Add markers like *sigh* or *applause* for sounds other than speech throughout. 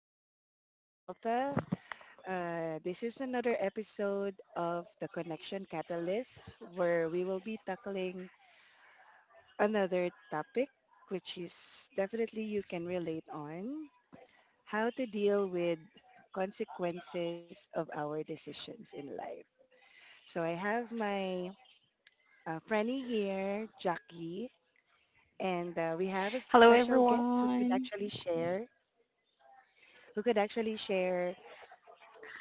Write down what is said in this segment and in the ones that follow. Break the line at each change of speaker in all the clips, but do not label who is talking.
My name is Alta. This is another episode of the Connection Catalyst where we will be tackling another topic, which is definitely you can relate on how to deal with consequences of our decisions in life. So I have my friendie here, Jackie, and we have a
Hello,
special guest who could
everyone.
actually share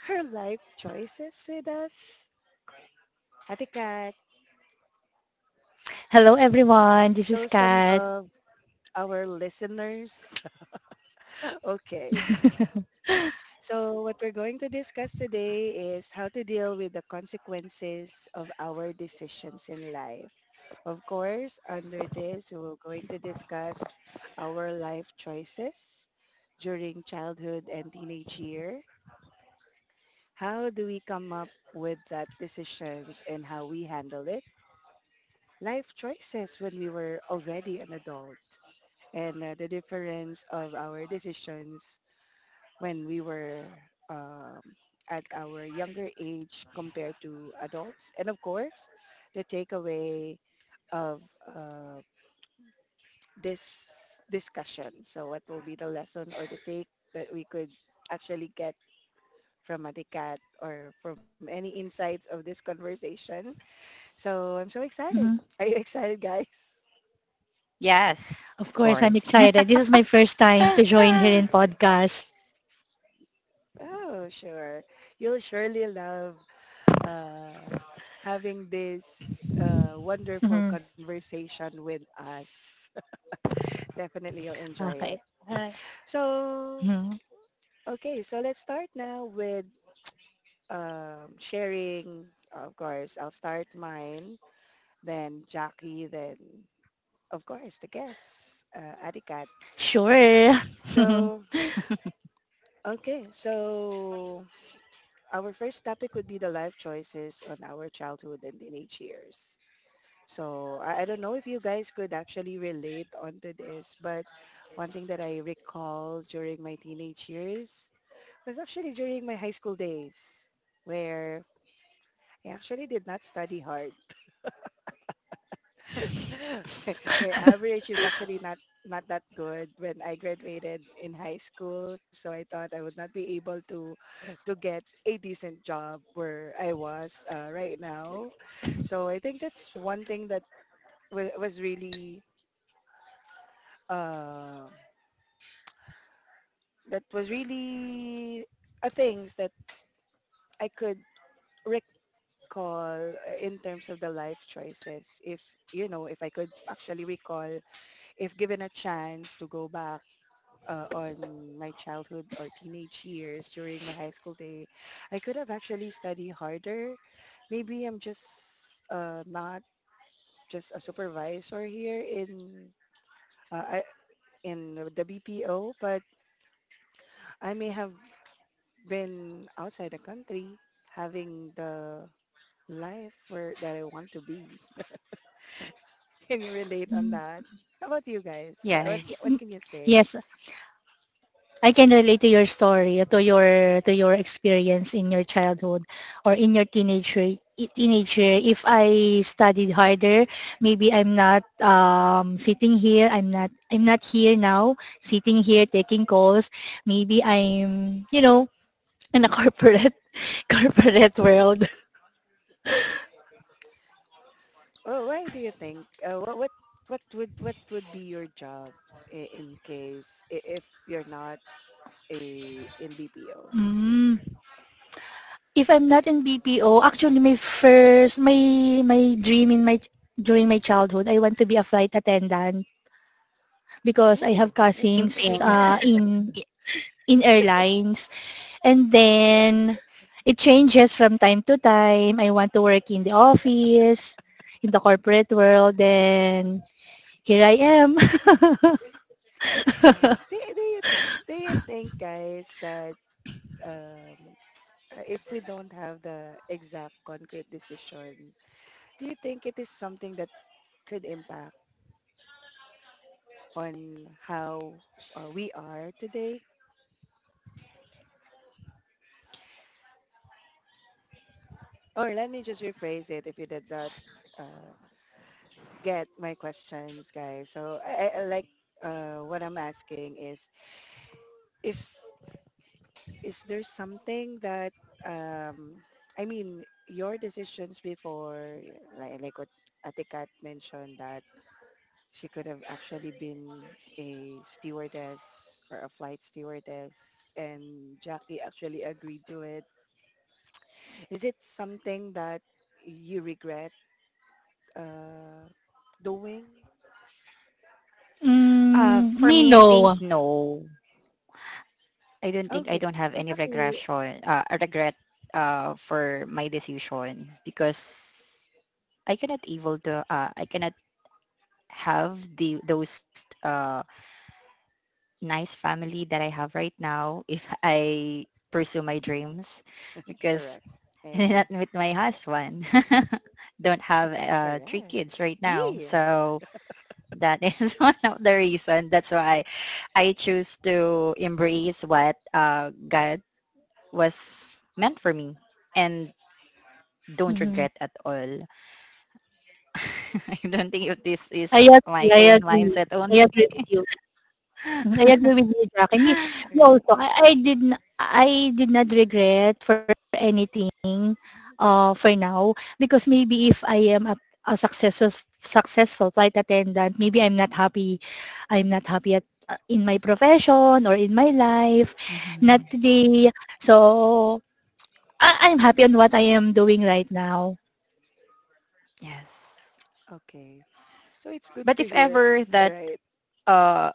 her life choices with us. Ate Kat,
Hello everyone, this is
show some
Kat.
love to our listeners. *laughs* Okay. So what we're going to discuss today is how to deal with the consequences of our decisions in life. Of course, under this, we're going to discuss our life choices during childhood and teenage year. How do we come up with that decisions and how we handle it? Life choices when we were already an adult, and the difference of our decisions when we were um, at our younger age compared to adults. And of course, the takeaway of this discussion. So what will be the lesson or the take that we could actually get from Atikat or from any insights of this conversation? So I'm so excited.
Mhm.
Are you *laughs* excited, guys?
Yes,
Of
of
course, I'm
course.
excited. This is my first time to join here in podcast.
Oh, sure. You'll surely love uh, having this wonderful
Mhm.
conversation with us. *laughs* Definitely you'll enjoy
Okay.
it.
Alright.
So,
Mhm.
okay, so let's start now with sharing. Of course, I'll start mine, then Jackie, then, of course, the guests, Adikat.
Sure.
So,
*laughs*
okay, so our first topic would be the life choices on our childhood and teenage years. So I don't know if you guys could actually relate onto this, but one thing that I recall during my teenage years was actually during my high school days where I actually did not study hard. *laughs* my,
*laughs*
my average is actually not that good when I graduated in high school, so I thought I would not be able to get a decent job where I was right now. So I think that's one thing that wa was really uh, that was really a things that I could recall in terms of the life choices. If you know, If I could actually recall, if given a chance to go back on my childhood or teenage years during my high school day, I could have actually studied harder. Maybe I'm just not just a supervisor here in uh, I- in the BPO, but I may have been outside the country, having the life where that I want to be. *laughs* Can you relate on
Mm.
that? How about you guys?
yes.
What can you
Yes,
say?
I can relate to your story, to your experience in your childhood or in your teenager. If I studied harder, maybe I'm not sitting here. I'm not here now, sitting here taking calls. Maybe I'm in a corporate *laughs* corporate world.
Well, why do you think? What would be your job in case if you're not a in BPO?
Mm. If I'm not in BPO, actually my dream in my during my childhood, I want to be a flight attendant because I have
Ooh,
Same
that's a good
cousins
thing.
job.
uh,
*laughs*
in in airlines, and then it changes from time to time. I want to work in the office, in the corporate world, then here I am.
Yeah. Do you think, guys, that um, if we don't have the exact concrete decision, do you think it is something that could impact on how we are today? Or let me just rephrase it. If you did not uh, get my questions, guys. So I like what I'm asking is, is there something that, um, I mean, your decisions before, what Atikat mentioned, that she could have actually been a stewardess or a flight stewardess, and Jackie actually agreed to it. Is it something that you regret uh, doing?
*laughs*
Uh, for
Me
me, I think
no.
no.
Okay,
I don't have
so
any
Jackie,
regret for my decision because I cannot have the those nice family that I have right now if I pursue my dreams because
correct. I
*laughs*
agree.
not with my husband. *laughs* Don't have three
Correct.
kids right now,
Yeah,
so that is *laughs* one of the reason. That's why I choose to embrace what God was meant for me and don't
Mhm.
regret at all. *laughs* I don't think if this is
I agree,
my
I
own
agree.
mindset
I
only.
agree with you. Mm, I
*laughs*
agree with you, Jackie. Me
correct.
also, I did not regret for anything,
Mhm.
for now, because maybe if I am a successful flight attendant, maybe I'm not happy at in my profession or in my life, not
Mhm.
today. So, I'm happy on what I am doing right now.
Yes.
Okay, so it's good
But if
to hear,
ever that
right?
uh,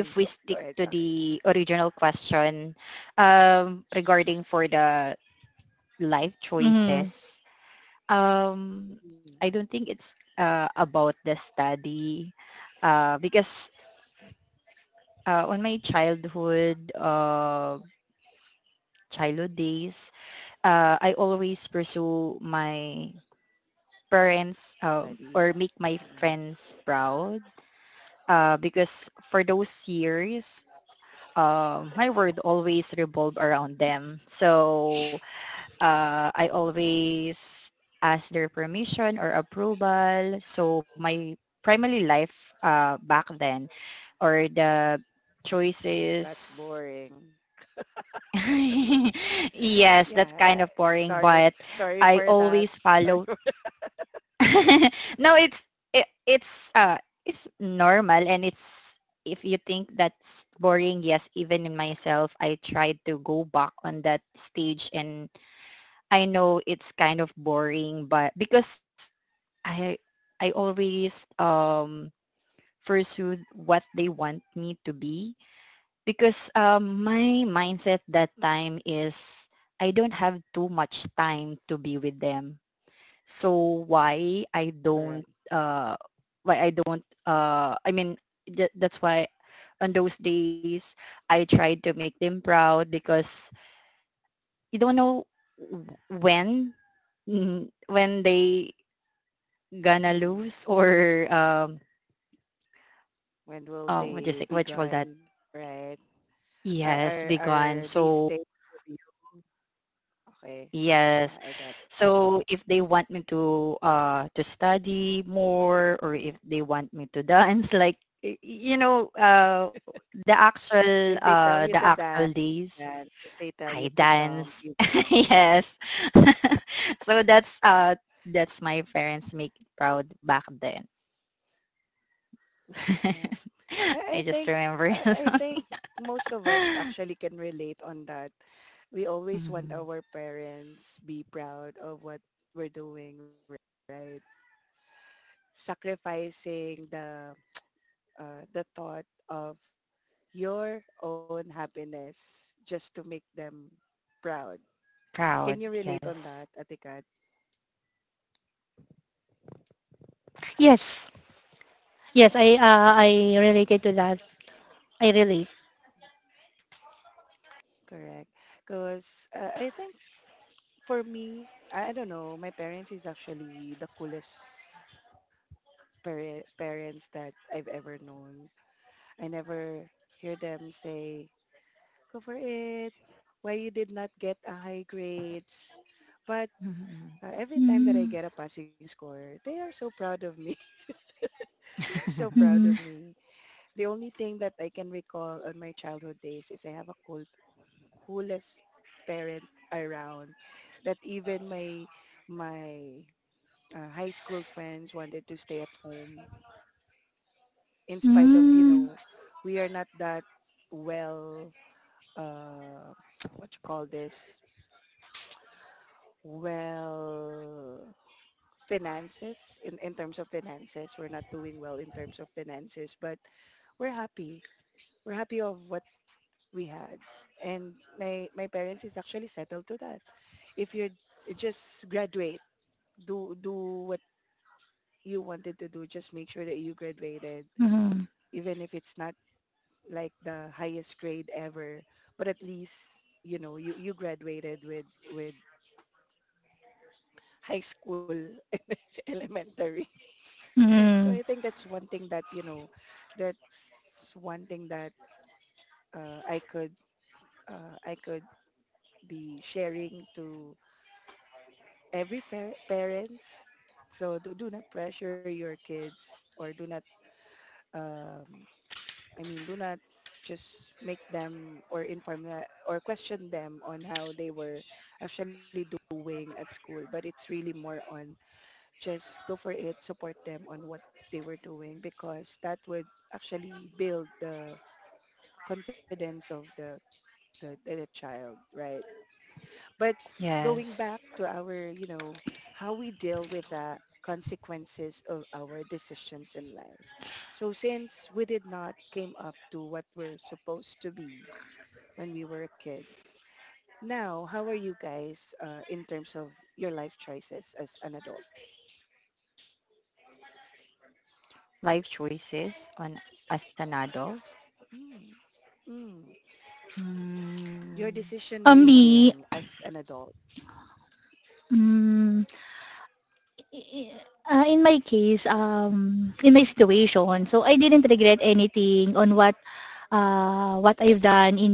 Mm,
we
go, go
stick
ahead,
to
Jackie.
the original question, regarding for the life
Hmm.
choices, um,
Mm.
I don't think it's about the study because on my childhood days, I always pursue my parents,
Studying.
or make my
Mm.
friends proud, because for those years, my word always revolve around them. So I always ask their permission or approval. So my primary life back then, or the
That's
choices.
boring.
*laughs* Yes, that's
Yeah.
kind
I-
of boring,
Sorry.
but
Sorry
I
for that.
always
Sorry.
follow.
*laughs*
*laughs* No, it, it's uh it's normal, and it's if you think that's boring, yes, even in myself, I tried to go back on that stage, and I know it's kind of boring, but because I I always pursue what they want me to be, because my mindset that time is I don't have too much time to be with them, so why I
Correct.
don't uh why I don't, that's why on those days I tried to make them proud because you don't know when when they gonna
Mm.
lose, or
When will
what do you say,
they be
what you call that,
gone? Right.
yes, be
Are
gone.
they staying
So
with you? Okay. Yeah,
yes.
I got it.
So if they want me to study more, or if they want me to *laughs* dance, like, you know,
So if they tell you to
the
dance,
actual days,
dance. If they tell you to
I
jump,
dance.
you jump.
*laughs* Yes. *laughs* So that's my parents make proud back then.
Yeah.
*laughs*
I, I
I just
think
remember.
I,
*laughs*
I think most of us actually can relate on that. We always want
Mhm.
our parents be proud of what we're doing, right? Sacrificing the thought of your own happiness just to make them proud. Can you
Proud,
relate on that,
yes.
Atikat?
Yes. Yes, I related to that. I relate.
Correct. Because I think for me, I don't know, my parents is actually the coolest parents that I've ever known. I never hear them say, go for it, why you did not get a high grades. But
Mhm.
every time that I
Mm.
get a passing score, they are so proud of me. *laughs* They are so
*laughs*
proud of
Mhm.
me. The only thing that I can recall on my childhood days is I have a cool, coolest parent around, that even my high school friends wanted to stay at home, in spite of, you
Hmm.
know, we are not that well, uh, what you call this well, finances. In terms of finances, we're not doing well in terms of finances, but we're happy we're happy of what we had. And my parents is actually settled to that. If you're just graduate, do what you wanted to do. Just make sure that you graduated,
Mhm,
even if it's not like the highest grade ever. But at least, you know, you graduated with high school and *laughs* elementary. So I
mm.
think that's one thing that you know that's one thing that uh, i could I could be sharing to every parents. So do not pressure your kids, or do not, um I mean, do not just make them or inform or question them on how they were actually doing at school, but it's really more on just go for it, support them on what they were doing, because that would actually build the confidence of the child, right? But
Yes.
going back to our, you know, how we deal with the consequences of our decisions in life. So since we did not came up to what we're supposed to be when we were a kid, now how are you guys in terms of your life choices as an adult?
Life choices on, as an adult.
Mm, mm. Your
Mm,
decision
For
it's
me,
making as an adult,
hmm, i i in my case, in my situation, so I didn't regret anything on what, what I've done in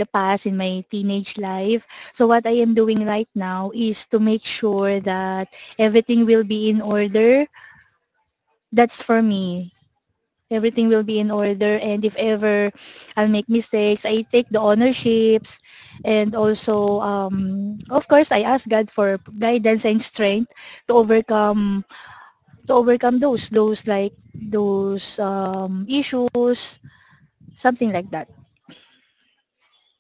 the past, in my teenage life. So what I am doing right now is to make sure that everything will be in order. That's for me. Everything will be in order, and if ever I'll make mistakes, I take the ownerships, and also of course I ask God for guidance and strength to overcome to overcome those like those issues, something like that.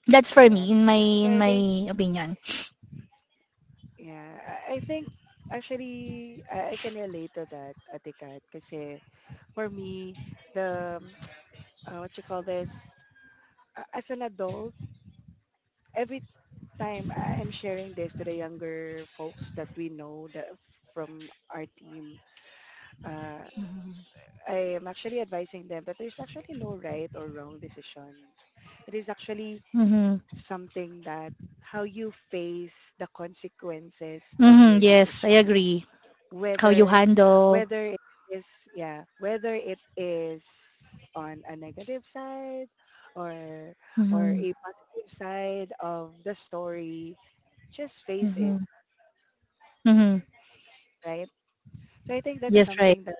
That's for me,
correct?
in my
So
in
I think,
my opinion.
yeah, I think actually I can relate to that, Ate Kat, kasi for me, the what you call this, as an adult, every time I'm sharing this to the younger folks that we know that from our team, uh,
mhm,
I am actually advising them that there's actually no right or wrong decision. It is actually
Hmm.
something that how you face the consequences of
Hmm.
your
Yes, I
decision,
agree. How you
whether
handle.
whether it is yeah whether it is on a negative side or
Hmm.
a positive side of the story, just face it,
Hmm. Hmm.
right? So I think that's
Yes, right.
something that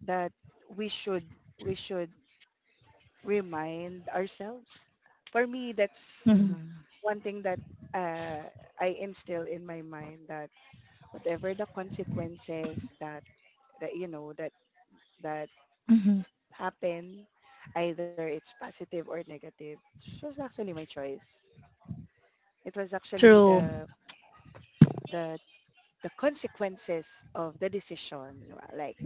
that we should we should remind ourselves. For me, that's
Hmm.
mhm.
one thing that uh, I instill in my mind, that whatever the consequences that that you know that that
Hmm.
happen. Either it's positive or negative, it was actually my choice. It was actually
True.
the the consequences of the decision, like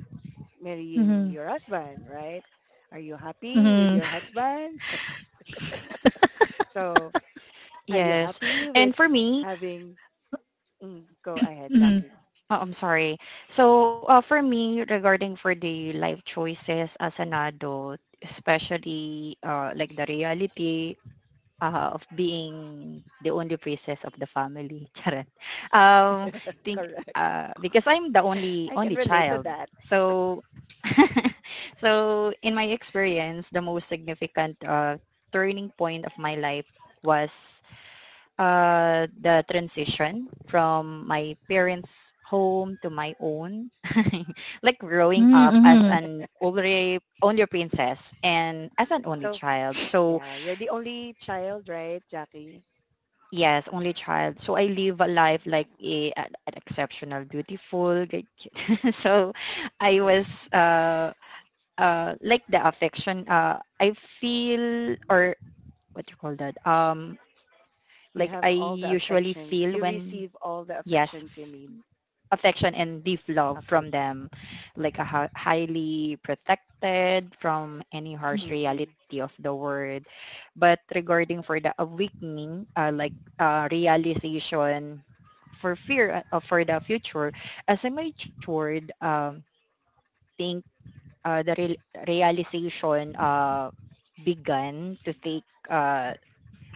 marrying
Hmm.
your husband, right? Are you happy with
Hmm.
your husband? So, are you
Yes.
happy with
And for me,
having... Mm, go ahead,
Hmm.
Jackie.
*laughs*
oh, I'm sorry. So, for me, regarding for the life choices as an adult, especially like the reality of being the only princess of the family. *laughs* Charot. Um, think,
Correct.
because I'm the
*laughs*
only
I can
only
relate to
child,
that.
so *laughs* so in my experience, the most significant turning point of my life was the transition from my parents' home to my own. *laughs* Like growing
Hmm,
up as
mhm,
an only only princess and as an
So,
only child,
yeah,
so
you're the only child, right, Jackie?
yes, only child. So I live a
Uh,
life like a an exceptional, beautiful, great. *laughs* So I
cor-
was like the affection. I feel, or what you call that?
You
Like I
have all the
usually
affections.
feel
You
when,
receive all the
yes,
affections you need.
affection and deep love
Okay.
from them, like a highly protected from any harsh
Mm-mm.
reality of the world. But regarding for the awakening, like realization for fear, for the future, as I matured, think the realization began to take,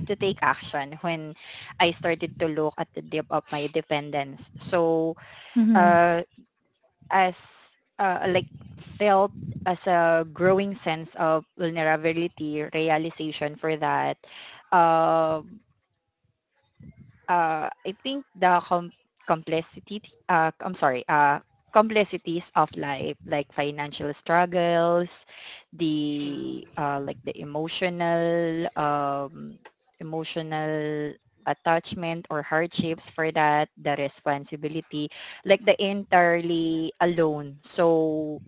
to take action when I started to look at the depth of my dependence. So,
mhm,
uh, as, like felt as a growing sense of vulnerability, realization for that. Um I think complexity, uh, I'm sorry, uh, complexities of life, like financial struggles, the,
Mm.
like the emotional attachment or hardships for that, the responsibility, like the entirely alone. So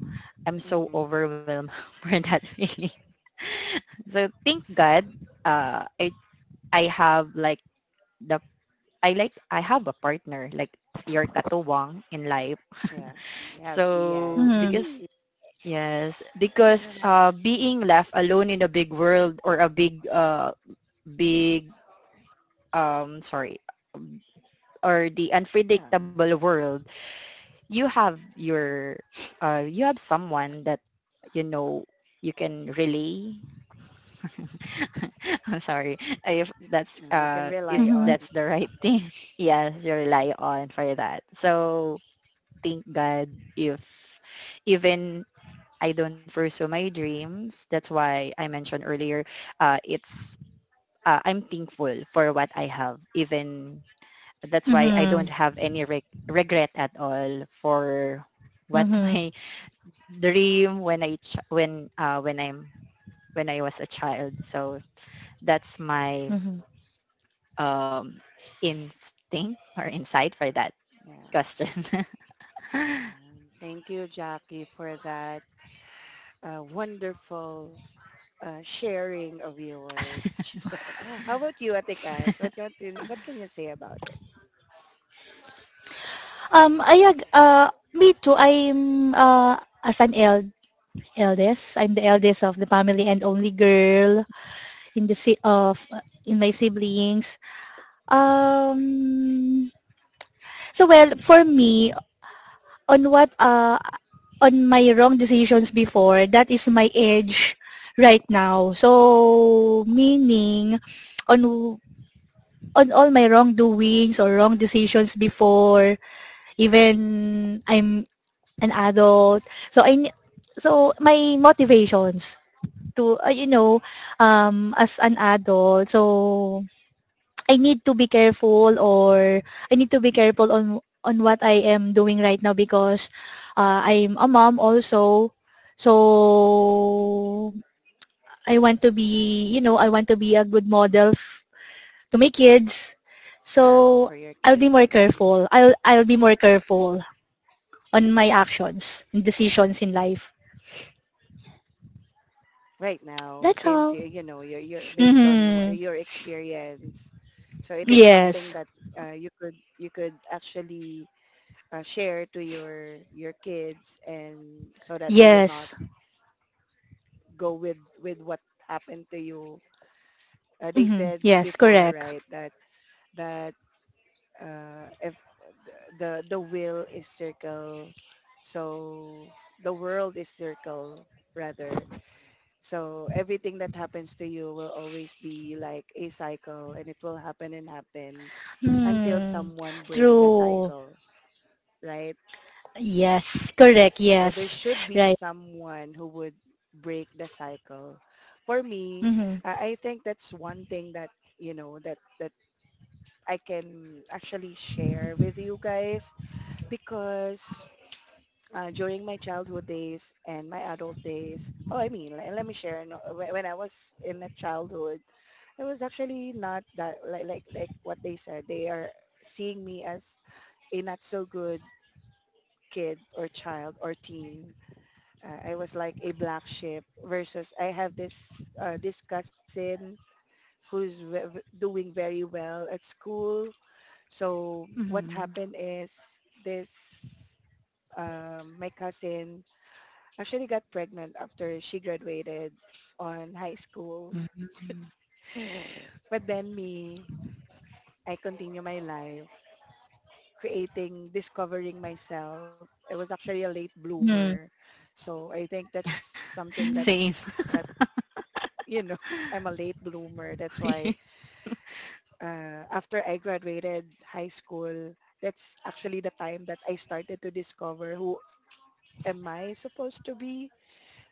I'm so
Mm-mm.
overwhelmed *laughs* for that feeling. *laughs* So thank God, uh, I I have, like, the I like I have a partner, like your katuwang in life.
Yeah.
*laughs*
You have Ian.
So
mhm,
because,
Yee.
yes, because being left alone in a big world, or a big big sorry, or the
Yeah.
unpredictable world, you have your you have someone that you know you can relay. *laughs* I'm sorry
Mm, you can
if
rely
mhm,
that's
on.
the right
Okay.
thing. *laughs* Yes, you rely on for that. So thank God, if even I don't pursue my dreams. That's why I mentioned earlier, it's I'm thankful for what I have. Even that's why I don't
mhm,
have any regret at all for what *laughs* my dream when I ch- when I'm when I was a child. So that's my
mhm.
um, instinct or insight for that
Yeah.
question. *laughs*
Mm. Thank you, Jackie, for that wonderful sharing of yours. *laughs* How about you, Ate Kat? Can you- what can you say about it
Ayag, me too, I'm, as an eldest, I'm the eldest of the family and only girl in the si of in my siblings. Um, so well, for me, on what, on my wrong decisions before, that is my edge right now. So, meaning on all my wrongdoings or wrong decisions before, even I'm an adult. So I so my motivations to as an adult, so I need to be careful, or I need to be careful on what I am doing right now, because I'm a mom also, so I want to be you know I want to be a good model to my kids. So
for your
I'll be
kids?
more
Mm.
careful. I'll be more careful on my actions and
Uh,
decisions in life.
right now
That's
since you,
all.
you know, you're based on
Hmm.
your experience, so it is something
Yes.
that you could, you could actually share to your kids, and so that they will not
Yes.
go with what happened to you. They said
Hmm. Yes,
before,
correct.
right, that that if the will is circle, so the world is circle rather. So everything that happens to you will always be like a cycle, and it will happen and happen until
Mm.
someone break the
True.
cycle, right?
Yes, correct.
So there
Yes.
should be
Right.
someone who would break the cycle. For me,
Mm-hmm.
I think that's one thing that, you know, that I can actually share with you guys, because during my childhood days and my adult days. Oh, I mean, let me share. No, when I was in a childhood, I was actually not that, like what they said. They are seeing me as a not so good kid or child or teen. I was like a black sheep versus I have this cousin who's doing very well at school. So what
Mhm.
happened is this my cousin actually got pregnant after she graduated on high school.
Mhm.
*sighs* But then me, I continue my life, creating, discovering myself. I was actually a late bloomer. So I think that's something
Mm-hmm.
Same.
that you know, *laughs* I'm a late bloomer. That's why
*laughs*
after I graduated high school, that's actually the time that I started to discover who am I supposed to be.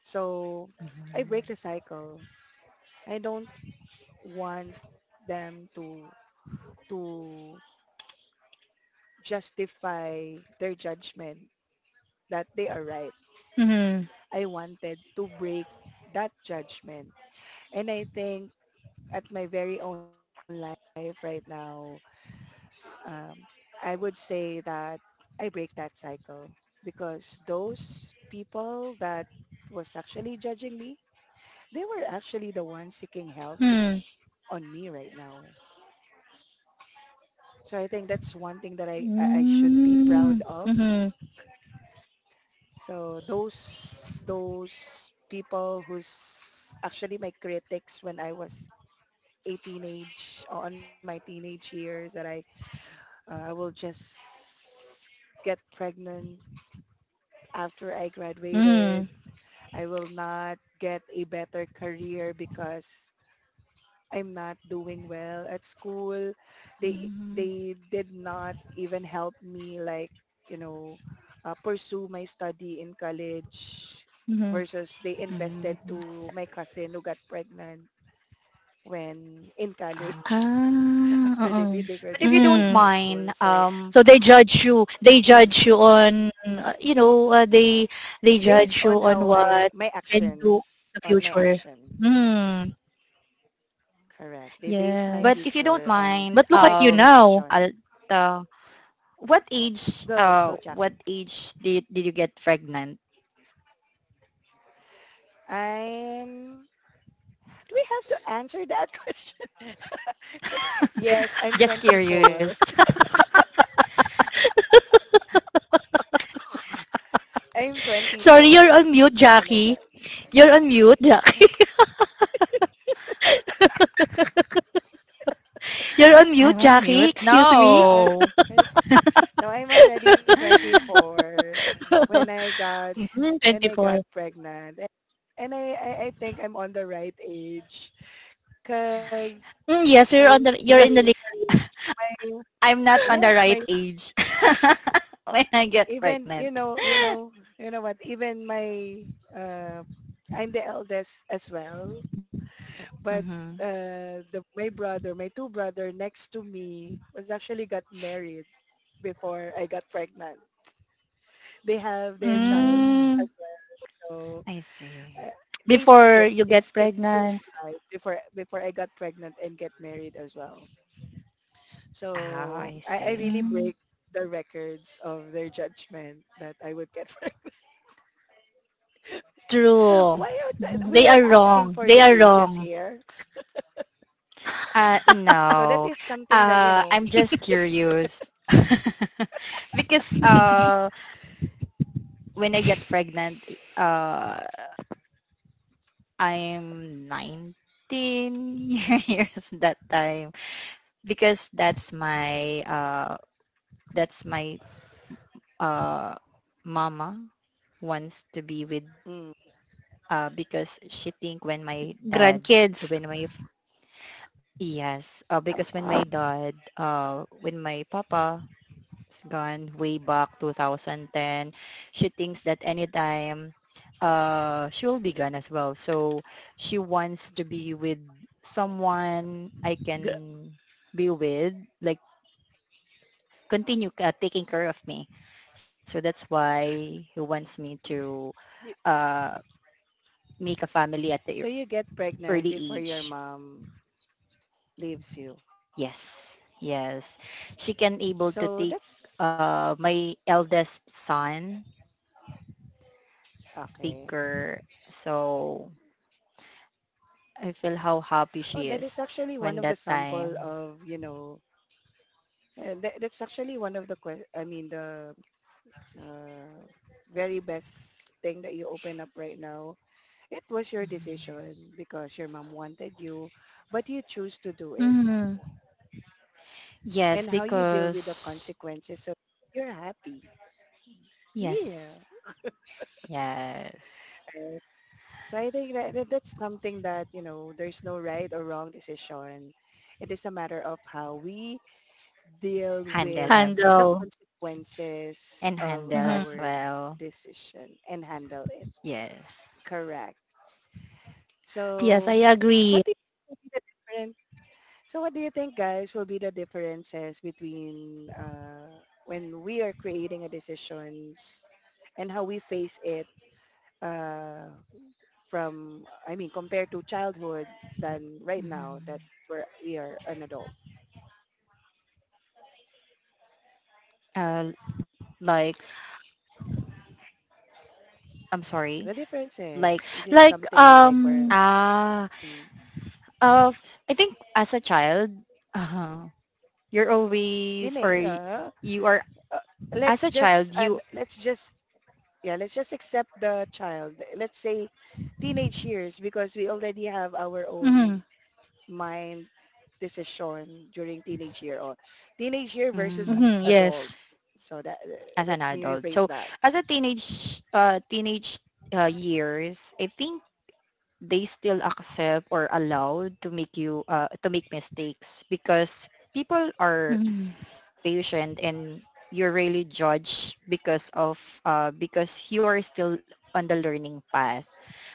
So I
Mhm.
break the cycle. I don't want them to justify their judgment that they are right.
Mm-hmm.
I wanted to break that judgment. And I think at my very own life right now, um, I would say that I break that cycle because those people that was actually judging me, they were actually the ones seeking help
Mm.
on me right now. So I think that's one thing that I should be
Mm.
proud of.
Mm-hmm.
So those people who's actually my critics when I was a teenage on my teenage years that I will just get pregnant after I
Mm-hmm.
graduated. I will not get a better career because I'm not doing well at school. They
Mhm.
they did not even help me like you know pursue my study in college
Mm-hmm.
versus they invested
Mm.
to my cousin who got pregnant when in
Oh.
college
Ah,
*laughs* after they
uh-uh.
they
But if you
graduated
don't
in
Mm.
high school.
mind,
So
So they judge you. They
mm,
judge you on, they
based
judge you
on
on
how I
what
my
you can
actions
do in the
on my
future.
actions.
Hmm.
Correct. They base my
but if
Yes.
you don't
future on
mind,
But look
my
at you
current
now.
I'll,
action.
uh,
Go, go,
what
Jacqueline.
age did you get pregnant?
I'm Do we have to answer that *laughs* question? Yes, I'm
Just curious.
24.
*laughs*
I'm
Sorry, you're
24
on mute,
when I
Jackie.
got
You're on mute, Jack. *laughs* You're on mute,
I'm on
Jackie.
mute.
Excuse
*laughs* yeah,
me.
I,
No,
I, no, I'm already
*laughs*
24 when I got
Mm,
when I got
24.
pregnant, and I think I'm on the right age because
Mm, yes, you're
I
on the.
my
You're in
because
the. Legal-
my
I'm not on the
yes
right
my
age *laughs* when I get
even you
pregnant.
know you
*laughs*
know you know what even my uh I'm the eldest as well, but
Mm-hmm.
the my brother, my two brother next to me was actually got married before I got pregnant. They have their child
Mm.
as
Mm,
well,
I see.
so uh, they
before you get
skipped two
pregnant.
lives before I got pregnant and get married as well.
Oh,
So
I
I
see.
really
Mm,
break the records of their judgment that I would get. *laughs*
true.
Why are
Mhm.
we
They
are
are
asking
wrong.
for
They
the
are
ages
wrong.
here? Yeah. So that
No.
is something that you know.
I'm just curious. *laughs* Because when I get pregnant, uh, I'm 19 *laughs* years that time, because that's my, uh, mama wants to be with,
mm,
because she think when my dad
Grandkids.
when my f- yes, because when my papa gone way back 2010. She thinks that anytime she'll be gone as well, so she wants to be with someone I
Gr-
can be with, like continue taking care of me. So that's why he wants me to
y-
uh make a family at the
So you get
early
pregnant before
age.
your mom leaves you.
Yes, yes, she can able to
So
take
that's
my eldest son, take
okay.
care. So I feel how happy
Oh,
she
that
is
is actually
when
one of
that
the sample
time.
of, you know, that's actually one of the, I mean, the uh, very best thing that you open up right now. It was your
Mhm.
decision because your mom wanted you, but you choose to do it.
Mm.
Yes,
And how you deal with the
because
consequences of you're happy. Yeah.
yes, yes,
So I think that's something that, you know, there's no right or wrong decision. It is a matter of how we deal
handle
with
em-
the
Handle.
consequences
and
of
handle as
Mhm.
our
well.
decision and handle it.
Yes.
Correct. So
Yes, I
what do
agree.
you think will be the different, so what do you think guys will be the differences between, when we are creating a decisions and how we face it, uh, from, I mean, compared to childhood than right now that
Mhm.
we are an adult.
Uh, like, I'm sorry.
The difference is
Like,
is it
Like
something like where
ah,
mm,
uh, I think as a child, uh, you're always or
dine- uh,
you are,
uh,
as
let's
a
just
child
and
you.
let's just yeah let's just accept the child. Let's say teenage years because we already have our
mhm,
own mind decision during teenage year or teenage year versus
Mm,
mhm,
adult.
yes.
So that,
as
let
an
me
adult. So
rephrase that.
as a teenage, years, I think they still accept or allow to make you, to make mistakes because people are
Mhm.
patient and you're really judged because of, because you're still on the learning path,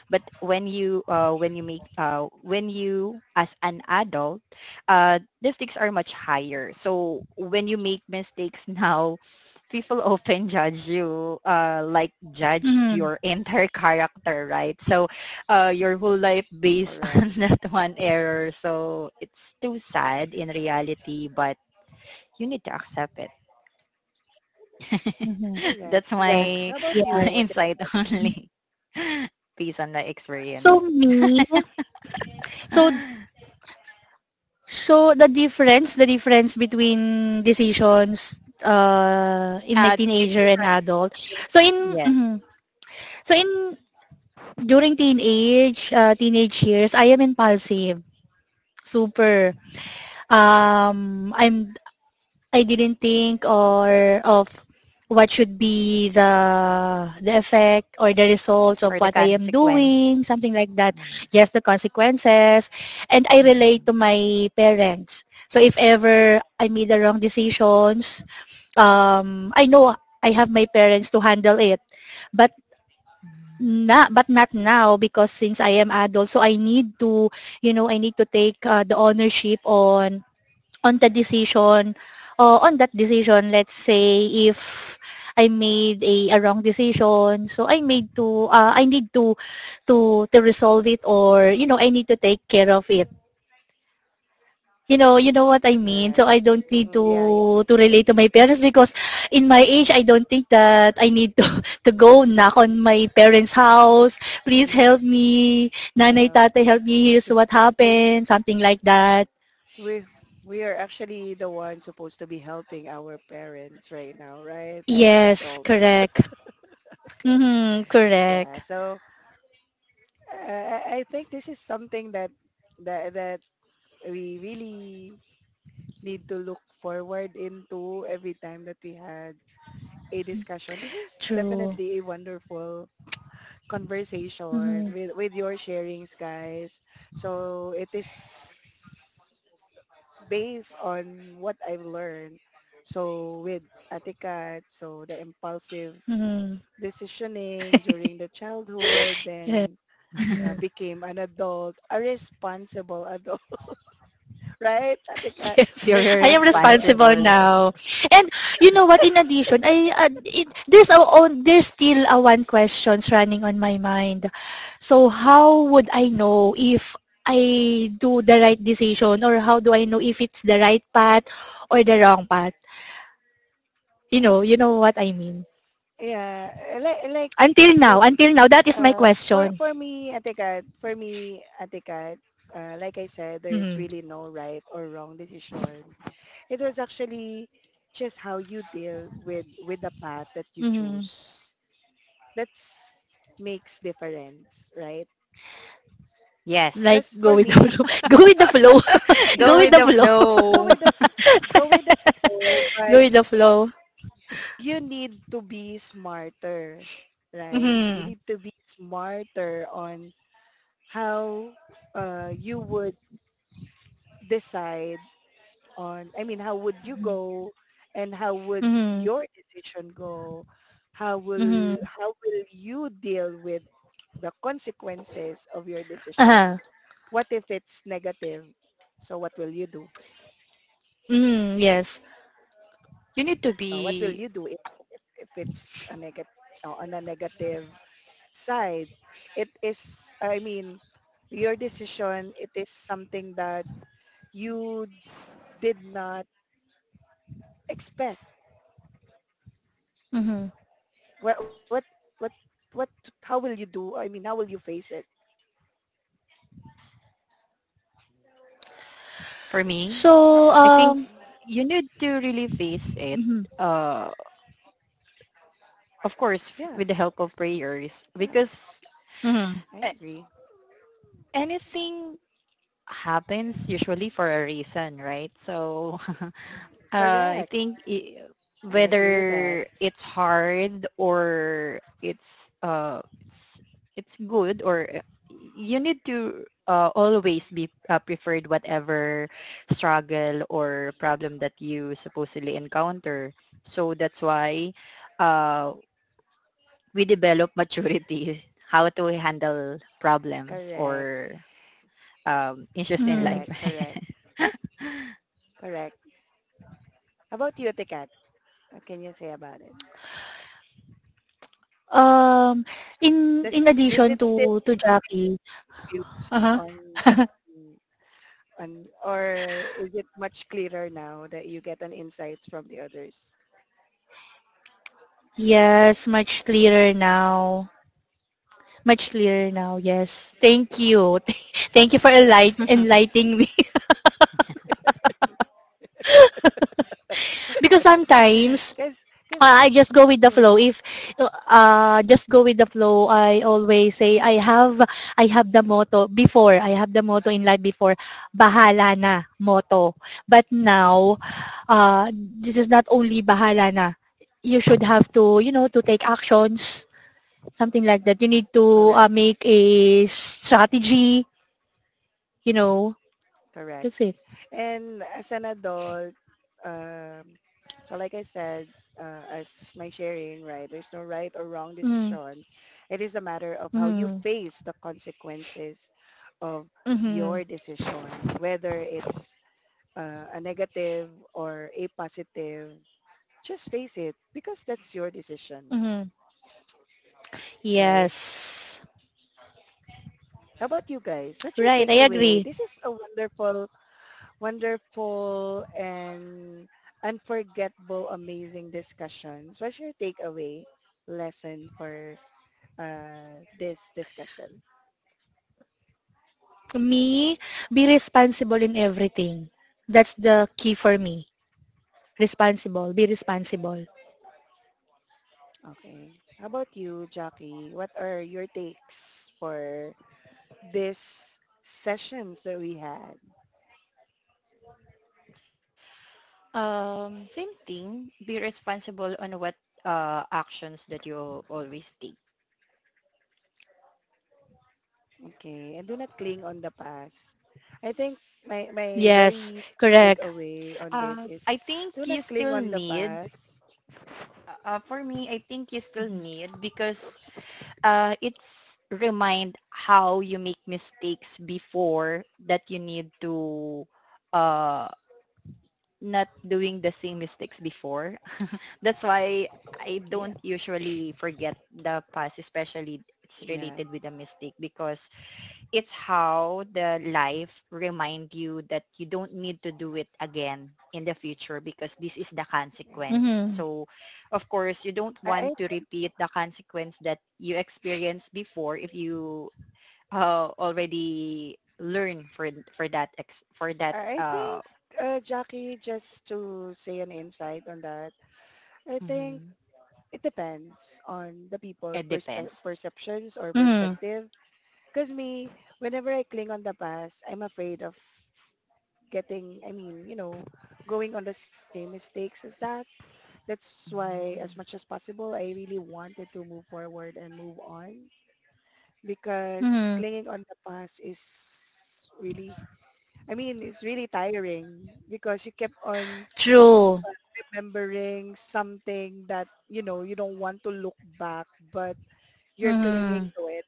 but when you as an adult, the stakes are much higher, so when you make mistakes *laughs* now, people often judge you, like judge your
Mhm.
*laughs* entire character, right? So your whole life based *laughs*
Correct.
on that one error, so it's too sad in reality, but you need to accept it. *laughs*
Mhm.
That's
Correct.
Correct.
Correct.
my
How about
Yes.
*laughs*
you?
insight
Mhm.
only, *laughs* based on the experience.
So
*gasps*
me, so
*laughs*
so the difference between decisions in my teenager and
Decision,
adult. So in
yes,
mhm. so in during teenage teenage years, I am impulsive. Super. Um I'm I didn't think or of what should be the effect or the results of
or the
what I am
consequence.
doing, something like that.
Yes.
Just the consequences. And I
Mhm.
relate to my parents. So if ever I made the wrong decisions, I know I have my parents to handle it. But
Mhm.
but not now, because since I am adult, so I need to take the ownership on the decision, or on that decision. Let's say if I made a wrong decision, so I need to resolve it, or I need to take care of it. You know what I mean, so
Correct.
I don't need
Mm-mm, yeah, yeah,
to relate to my parents, because in my age I don't think that I need *laughs* to go knock on my parents house,
yeah,
please help me, nanay
yeah.
tatay help me, here's
*laughs*
what
We
happened, something like that.
we we are actually the ones supposed to be helping our parents right now, right? As an
Yes,
adult. *laughs*
correct.
Okay.
Mhm,
Yeah.
correct.
So I think this is something that we really need to look forward into every time that we had a discussion. This is
True.
definitely a wonderful conversation
Mhm,
with your sharings guys, so it is based on what I've learned, so with atikat, so the impulsive
mhm.
decisioning during the childhood,
Yeah.
then
Mhm.
became an adult, a responsible adult, *laughs* right
*laughs*
Atikat,
Yeah.
Be
I am
responsible
responsible
responsible.
adult.
now. And you know what, in addition, I it, there's a on, there's still a one questions running on my mind. So how would I know if I do the right decision, or how do I know if it's the right path or the wrong path? You know you know what I mean.
Yeah like
Until now,
what
until now that is my question.
For me, Ate Kat, for me, Ate Kat, like I said, there's
Mhm.
really no right or wrong decision. It was actually just how you deal with the path that you
Mhm.
choose. That's makes difference, right?
Like
Yes.
Because
go
for
with the *laughs*
me,
flow. Go with the flow.
*laughs*
Go
Go
with
with
yeah,
the
the
flow.
go
flow.
with the
*laughs*
go with the flow,
*laughs* Go
but
with the flow.
you need to be smarter, right? You
Mhm.
need to be smarter on how you would decide on? I mean, how would you go and how would
Uh-huh.
your decision go? How will you deal with the consequences of your decision?
Aha.
What if it's negative? So what will you do?
Mhm. Yes.
You need to
What will
be,
you do if it's a negative, on a negative side? It is, I mean, your decision, it is something that you did not expect
Mhm.
what what what what how will you do, I mean, how will you face it?
for me,
So
I
Ho-
think
um
you need to really face it.
mhm.
Uh, of course, with the
yeah,
help of prayers,
yeah,
because
Mhm.
eh,
I agree.
anything happens usually for a reason, right? So *laughs* uh, I
Correct.
think i-
I agree with
whether
that.
it's hard or it's good, or you need to, always be, preferred whatever struggle or problem that you supposedly encounter. So that's why uh, we develop *laughs* maturity, how to handle problems
Correct.
or issues in
Mhm.
life.
Correct. Correct.
*laughs*
Correct. How about you Tekat? What can you say about it?
Um in
Does
in addition
it still
to Jackie.
used
Uh-huh.
on on on or is it much clearer now that you get an insights from the others?
Yes, much clearer now. Much clearer now. Yes. Thank you. *laughs* Thank you for enlight-
*laughs*
enlightening me, *laughs* because
*sighs*
sometimes
because because
I just go with the flow.
mm,
If just go with the flow, I always say I have the motto before. I have the motto in life before. Bahala na motto. But now, this is not only bahala na. You should have to you know to take actions, something like that. You need to
correct,
make a strategy. You know,
correct.
that's it.
And as an adult, um, so like I said, as my sharing, right, there's no right or wrong
Mm,
decision. It is a matter of how you
mm,
face the consequences of
mm-hmm,
your decision, whether it's a negative or a positive. Just face it because that's your decision,
mm-hmm.
right?
Yes,
How about you guys? What's your
right. I
takeaway?
agree.
This is a wonderful and unforgettable, amazing discussions. What's your takeaway lesson for this discussion?
Me, be responsible in everything. That's the key for me. Responsible. Be responsible.
Okay. How about you, Jackie? What are your takes for this sessions that we had?
Same thing. Be responsible on what actions that you always take.
Okay. And do not cling on the past. I think my
Yes,
very
correct.
takeaway on this is
I think
do
you
not cling
still
on the
need,
past.
for me, I think you still need because it's remind how you make mistakes before, that you need to, uh, not doing the same mistakes before. *laughs* That's why I
Yeah.
don't usually forget the past, especially it's
Yeah.
related with a mistake, because it's how the life remind you that you don't need to do it again in the future, because this is the
Yeah.
consequence.
Mm-hmm.
So, of course, you don't
I, I
want to repeat the consequence that you experienced before if you, already learn for that for that
I
uh.
think, Jackie, just to say an insight on that, I think
Mm-hmm.
it depends on the people
It depends.
perceptions or
Mm-hmm.
perspective. Because me, whenever I cling on the past, I'm afraid of getting, I mean, you know, going on the same mistakes as that. That's why, as much
Mm-hmm.
as possible, I really wanted to move forward and move on. Because
Mm-hmm.
clinging on the past is really, I mean, it's really tiring because you kept on
True.
uh, remembering something that you know you don't want to look back, but you're clinging
Mm-hmm.
to it.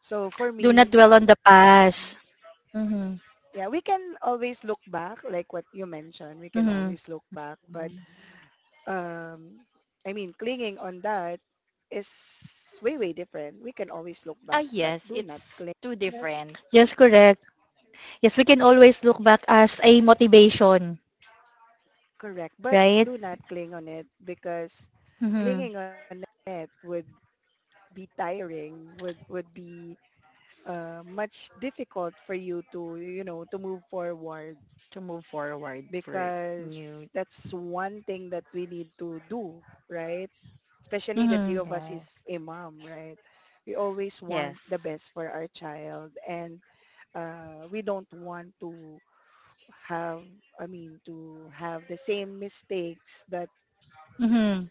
So for
Do not
me,
Uh,
dwell on the past.
um,
Mm-hmm.
yeah, we can always look back, like what you mentioned, we can
Mm-hmm.
always look back, but
mm-hmm.
um I mean clinging on that is way different. We can always look
Ah
back but
yes,
do not
it's
cling.
too
That's
different,
Yes, correct. Yes, we can always look back as a motivation,
correct, but
right?
do not cling on it because
Mm-hmm.
clinging on it would be tiring, would be much difficult for you to, you know, to move forward,
to move forward for
because
new.
that's one thing that we need to do, right? Especially the three
Mm-hmm.
of us is
Yes,
a mom, right? We always want
yes.
the best for our child, and we don't want to have I mean to have the same mistakes that
Mm-hmm.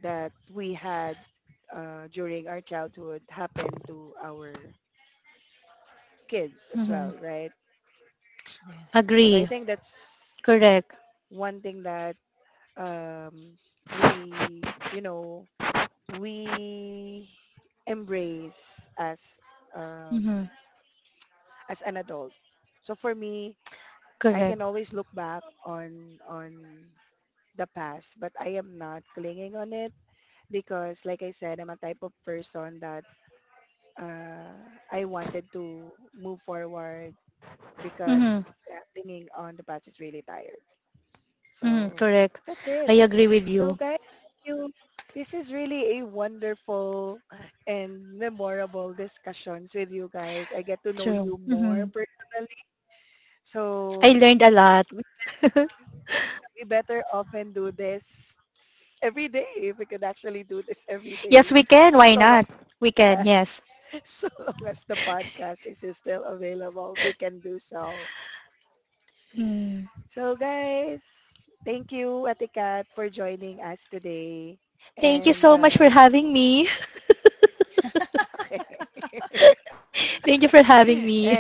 we had during our childhood happen to our kids as
Mm-hmm.
well, right?
Yes.
So I
Agree.
think that's
Correct.
one thing that um, we, you know, we embrace um,
Mm-hmm.
as an adult. So for me, I
Correct.
can always look back on the past, but I am not clinging on it because, like I said, I'm a type of person that uh, I wanted to move forward because
Mm-hmm.
clinging on the past is really tired.
Mm-hmm.
So
Correct.
that's it.
I agree with
So
you.
guys, thank you. This is really a wonderful and memorable discussions with you guys. I get to know
True.
you more
Mhm.
personally.
I
So
learned a lot.
we, we better often do this every day, if we could actually do this every day.
Yes, we can.
So
Why
long
not? We can.
as
Yes.
*laughs* so long as the podcast is still available, we can do so.
Mm.
So guys, thank you Atikat for joining us today.
Thank you
And
so much for having me.
*laughs*
*laughs* Thank you for having
and
me.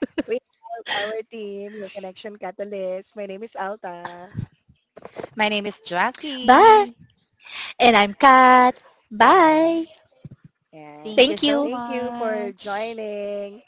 We have our team, yung Connection Catalyst. My name is Alta.
My name is
*laughs*
Jackie.
Bye. And I'm Kat.
And
Bye.
yeah.
Thank you
Thank
so
Thank
you.
you for
much.
joining